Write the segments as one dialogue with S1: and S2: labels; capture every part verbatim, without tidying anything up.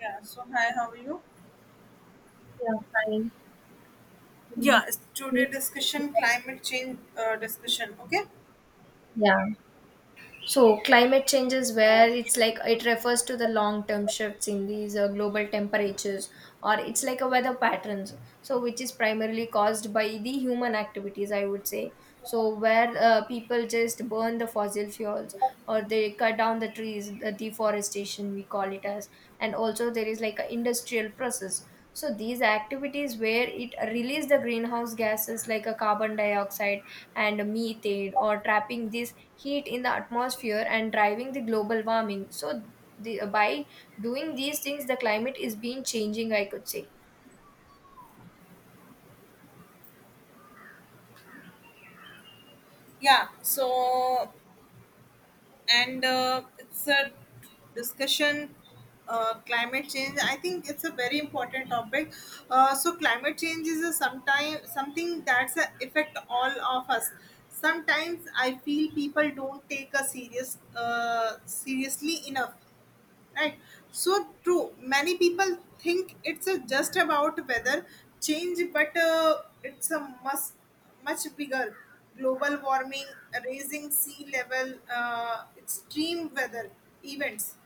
S1: Yeah, so hi, how are you?
S2: Yeah, fine. Mm.
S1: Yeah, it's today discussion climate change uh, discussion, okay?
S2: Yeah. So climate change is where
S1: So,
S2: it's like it refers to the long term shifts in these uh, global temperatures or it's like a weather patterns. So which is primarily caused by the human activities, I would say. So where uh, people just burn the fossil fuels or they cut down the trees, the deforestation we call it as, and also there is like an industrial process. So these activities where it release the greenhouse gases like a carbon dioxide and methane or trapping this heat in the atmosphere and driving the global warming. So the, by doing these things the climate is being changing I could say.
S1: yeah, so and uh, it's a discussion uh, climate change. I think it's a very important topic. Uh, so climate change is a sometime something that's a affect all of us. Sometimes I feel people don't take a serious uh, seriously enough. Right. So true. Many people think it's a just about weather change, but uh, it's a much much bigger, global warming, raising sea level, uh, extreme weather events.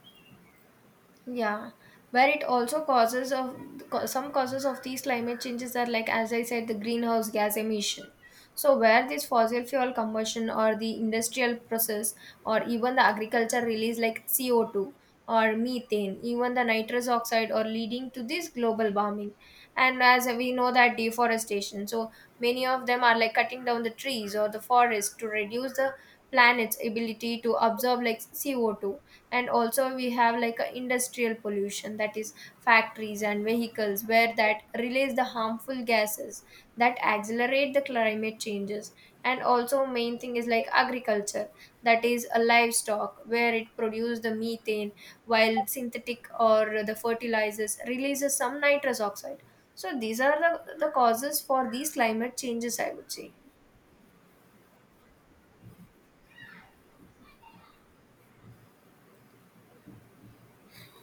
S2: Yeah, where it also causes of co- some causes of these climate changes are like as I said the greenhouse gas emission. So where this fossil fuel combustion or the industrial process or even the agriculture release like C O two or methane, even the nitrous oxide or leading to this global warming. And as we know that deforestation, so many of them are like cutting down the trees or the forest to reduce the planet's ability to absorb like C O two, and also we have like a industrial pollution, that is factories and vehicles where that release the harmful gases that accelerate the climate changes. And also main thing is like agriculture, that is a livestock where it produces the methane, while synthetic or the fertilizers releases some nitrous oxide. So these are the, the causes for these climate changes, I would say.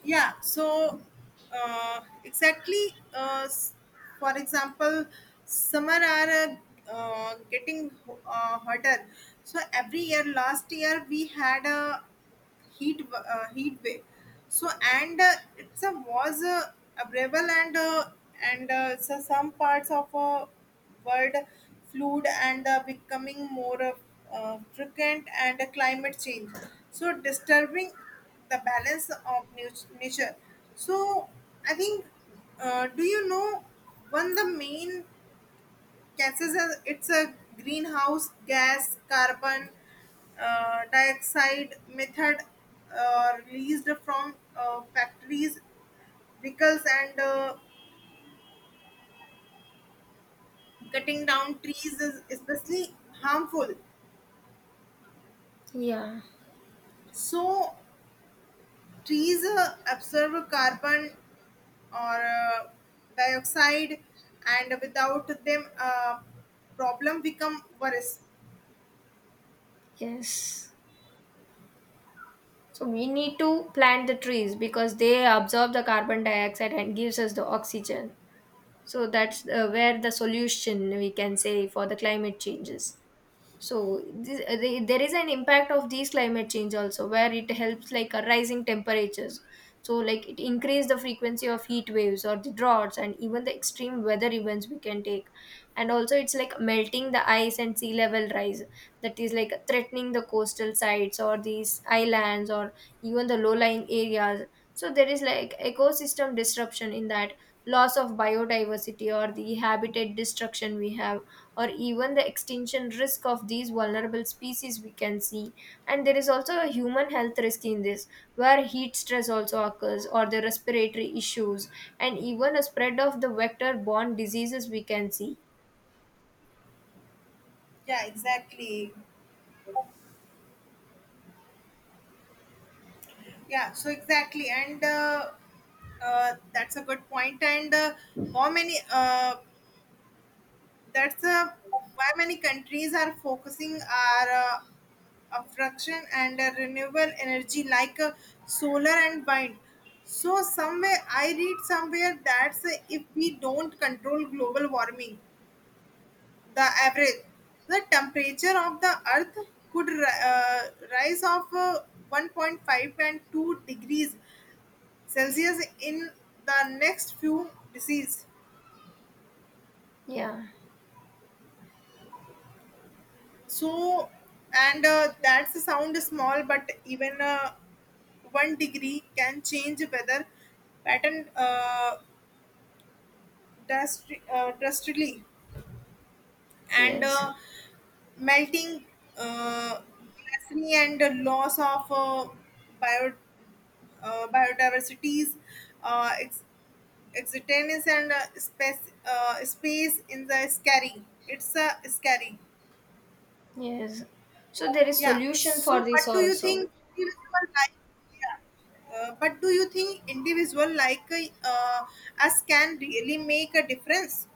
S1: Yeah. So uh, exactly. Uh, s- for example, summer are uh, uh, getting ho- uh, hotter. So every year, last year we had a heat w- uh, heat wave. So and uh, it's a was uh, Available. And uh, and uh, So some parts of uh, world flood and uh, becoming more uh, uh, frequent, and uh, climate change so disturbing the balance of nat- nature. So I think, uh, do you know, one the main gases are it's a greenhouse gas, carbon uh, dioxide, method, uh, released from uh, factories, vehicles, and uh, cutting down trees, is especially harmful.
S2: Yeah.
S1: So trees uh, absorb carbon or uh, dioxide, and without them uh, problem become worse.
S2: Yes. So we need to plant the trees because they absorb the carbon dioxide and gives us the oxygen. So that's uh, where the solution we can say for the climate changes. So this, uh, there is an impact of these climate change also, where it helps like a rising temperatures. So like it increase the frequency of heat waves or the droughts and even the extreme weather events we can take, and also it's like melting the ice and sea level rise, that is like threatening the coastal sites or these islands or even the low lying areas. So there is like ecosystem disruption in that, loss of biodiversity or the habitat destruction we have, or even the extinction risk of these vulnerable species we can see. And there is also a human health risk in this, where heat stress also occurs or the respiratory issues and even a spread of the vector borne diseases we can see.
S1: Yeah, exactly. yeah so exactly and uh, Uh, that's a good point. And uh, How many? Uh, that's uh, why many countries are focusing our uh, abstraction and uh, renewable energy, like uh, solar and wind. So somewhere I read somewhere that uh, if we don't control global warming, the average the temperature of the earth could ri- uh, rise of uh, one point five and two degrees Celsius in the next few decades.
S2: Yeah.
S1: So, and uh, That's a sound small, but even uh, one degree can change weather pattern uh, drasti- uh, drastically, and
S2: Yes.
S1: uh, melting uh, glacier, and the loss of uh, bio uh, biodiversities, uh, ex- existence, and uh, space uh, space in the scary. It's uh, scary.
S2: Yes, so there is
S1: Yeah.
S2: solution for
S1: So,
S2: this
S1: but do you
S2: also.
S1: think individual like, yeah, uh, but do you think individual like uh, us can really make a difference?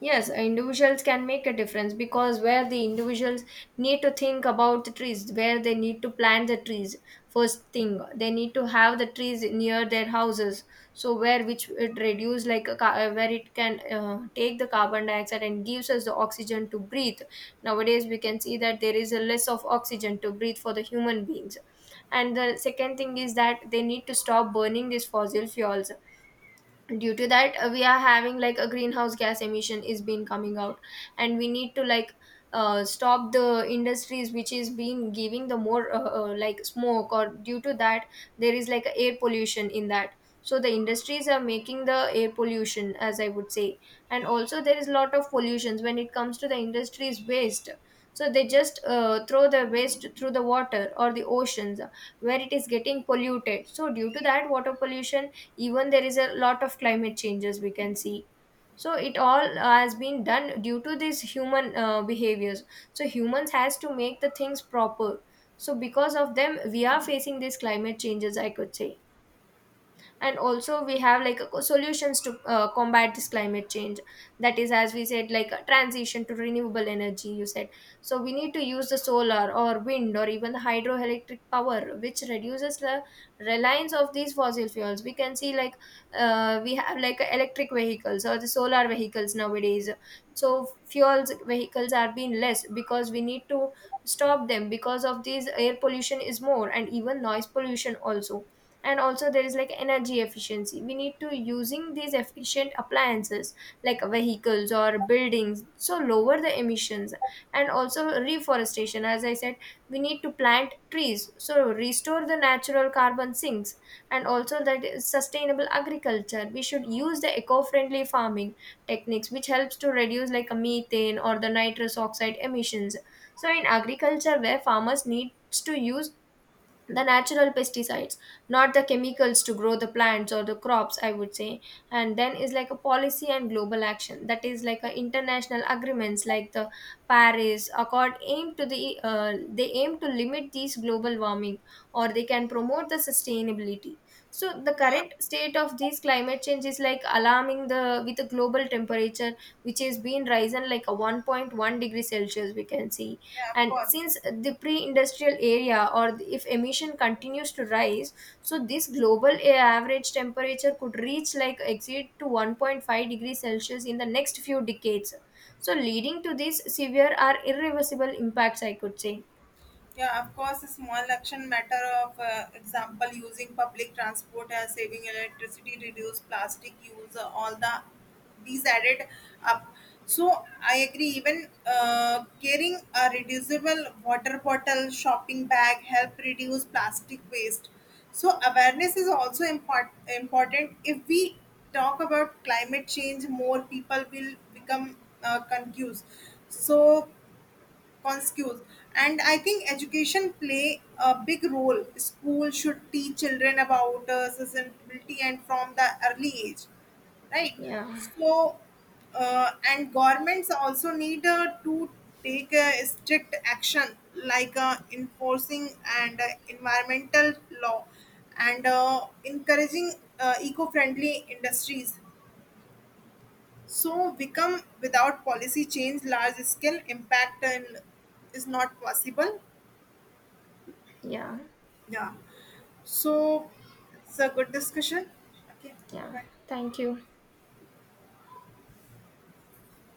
S2: Yes, individuals can make a difference because where the individuals need to think about the trees, where they need to plant the trees, first thing they need to have the trees near their houses. So where which it reduce like a, ca- uh, where it can uh, take the carbon dioxide and gives us the oxygen to breathe. Nowadays we can see that there is a less of oxygen to breathe for the human beings. And the second thing is that they need to stop burning these fossil fuels, due to that uh, we are having like a greenhouse gas emission is been coming out. And we need to like uh, stop the industries which is been giving the more uh, uh, like smoke, or due to that there is like air pollution in that. So the industries are making the air pollution, as I would say. And also there is lot of pollutions when it comes to the industries waste, so they just uh, throw the waste through the water or the oceans, where it is getting polluted. So due to that water pollution, even there is a lot of climate changes we can see. So it all has been done due to these human uh, behaviors. So humans has to make the things proper, so because of them we are facing these climate changes, I could say. And also we have like a co- solutions to uh, combat this climate change, that is, as we said, like a transition to renewable energy, you said. So we need to use the solar or wind or even the hydroelectric power which reduces the reliance of these fossil fuels we can see. Like uh, we have like uh, electric vehicles or the solar vehicles nowadays. So fuels vehicles are being less, because we need to stop them because of these air pollution is more and even noise pollution also. And also there is like energy efficiency, we need to using these efficient appliances like vehicles or buildings so lower the emissions. And also reforestation, as I said, we need to plant trees so restore the natural carbon sinks. And also that is sustainable agriculture, we should use the eco-friendly farming techniques which helps to reduce like a methane or the nitrous oxide emissions. So in agriculture where farmers needs to use the natural pesticides, not the chemicals, to grow the plants or the crops, I would say. And then is like a policy and global action, that is like a international agreements like the Paris Accord aim to the uh, they aim to limit these global warming, or they can promote the sustainability. So the
S1: Yeah.
S2: current state of these climate change is like alarming, the with the global temperature which has been risen like a one point one degree celsius we can see,
S1: Yeah. Of
S2: and
S1: course.
S2: since the pre-industrial area or the- if emission continues to rise, so this global a- average temperature could reach like exceed to one point five degrees celsius in the next few decades, so leading to these severe or irreversible impacts, I could say.
S1: Yeah, of course, a small action matter of, uh, example, using public transport and saving electricity, reduce plastic use, uh, all the these added up. So I agree. Even uh, carrying a reducible water bottle, shopping bag help reduce plastic waste. So awareness is also import- important. If we talk about climate change, more people will become uh, confused. So conscious, and I think education play a big role. School should teach children about uh, sustainability and from the early age, right?
S2: Yeah.
S1: So uh, and governments also need uh, to take uh, strict action, like uh, enforcing and uh, environmental law, and uh, encouraging uh, eco-friendly industries, so become without policy change, large scale impact and is not possible.
S2: Yeah.
S1: Yeah. So it's a good discussion. Okay. Bye
S2: Yeah,
S1: bye.
S2: thank you.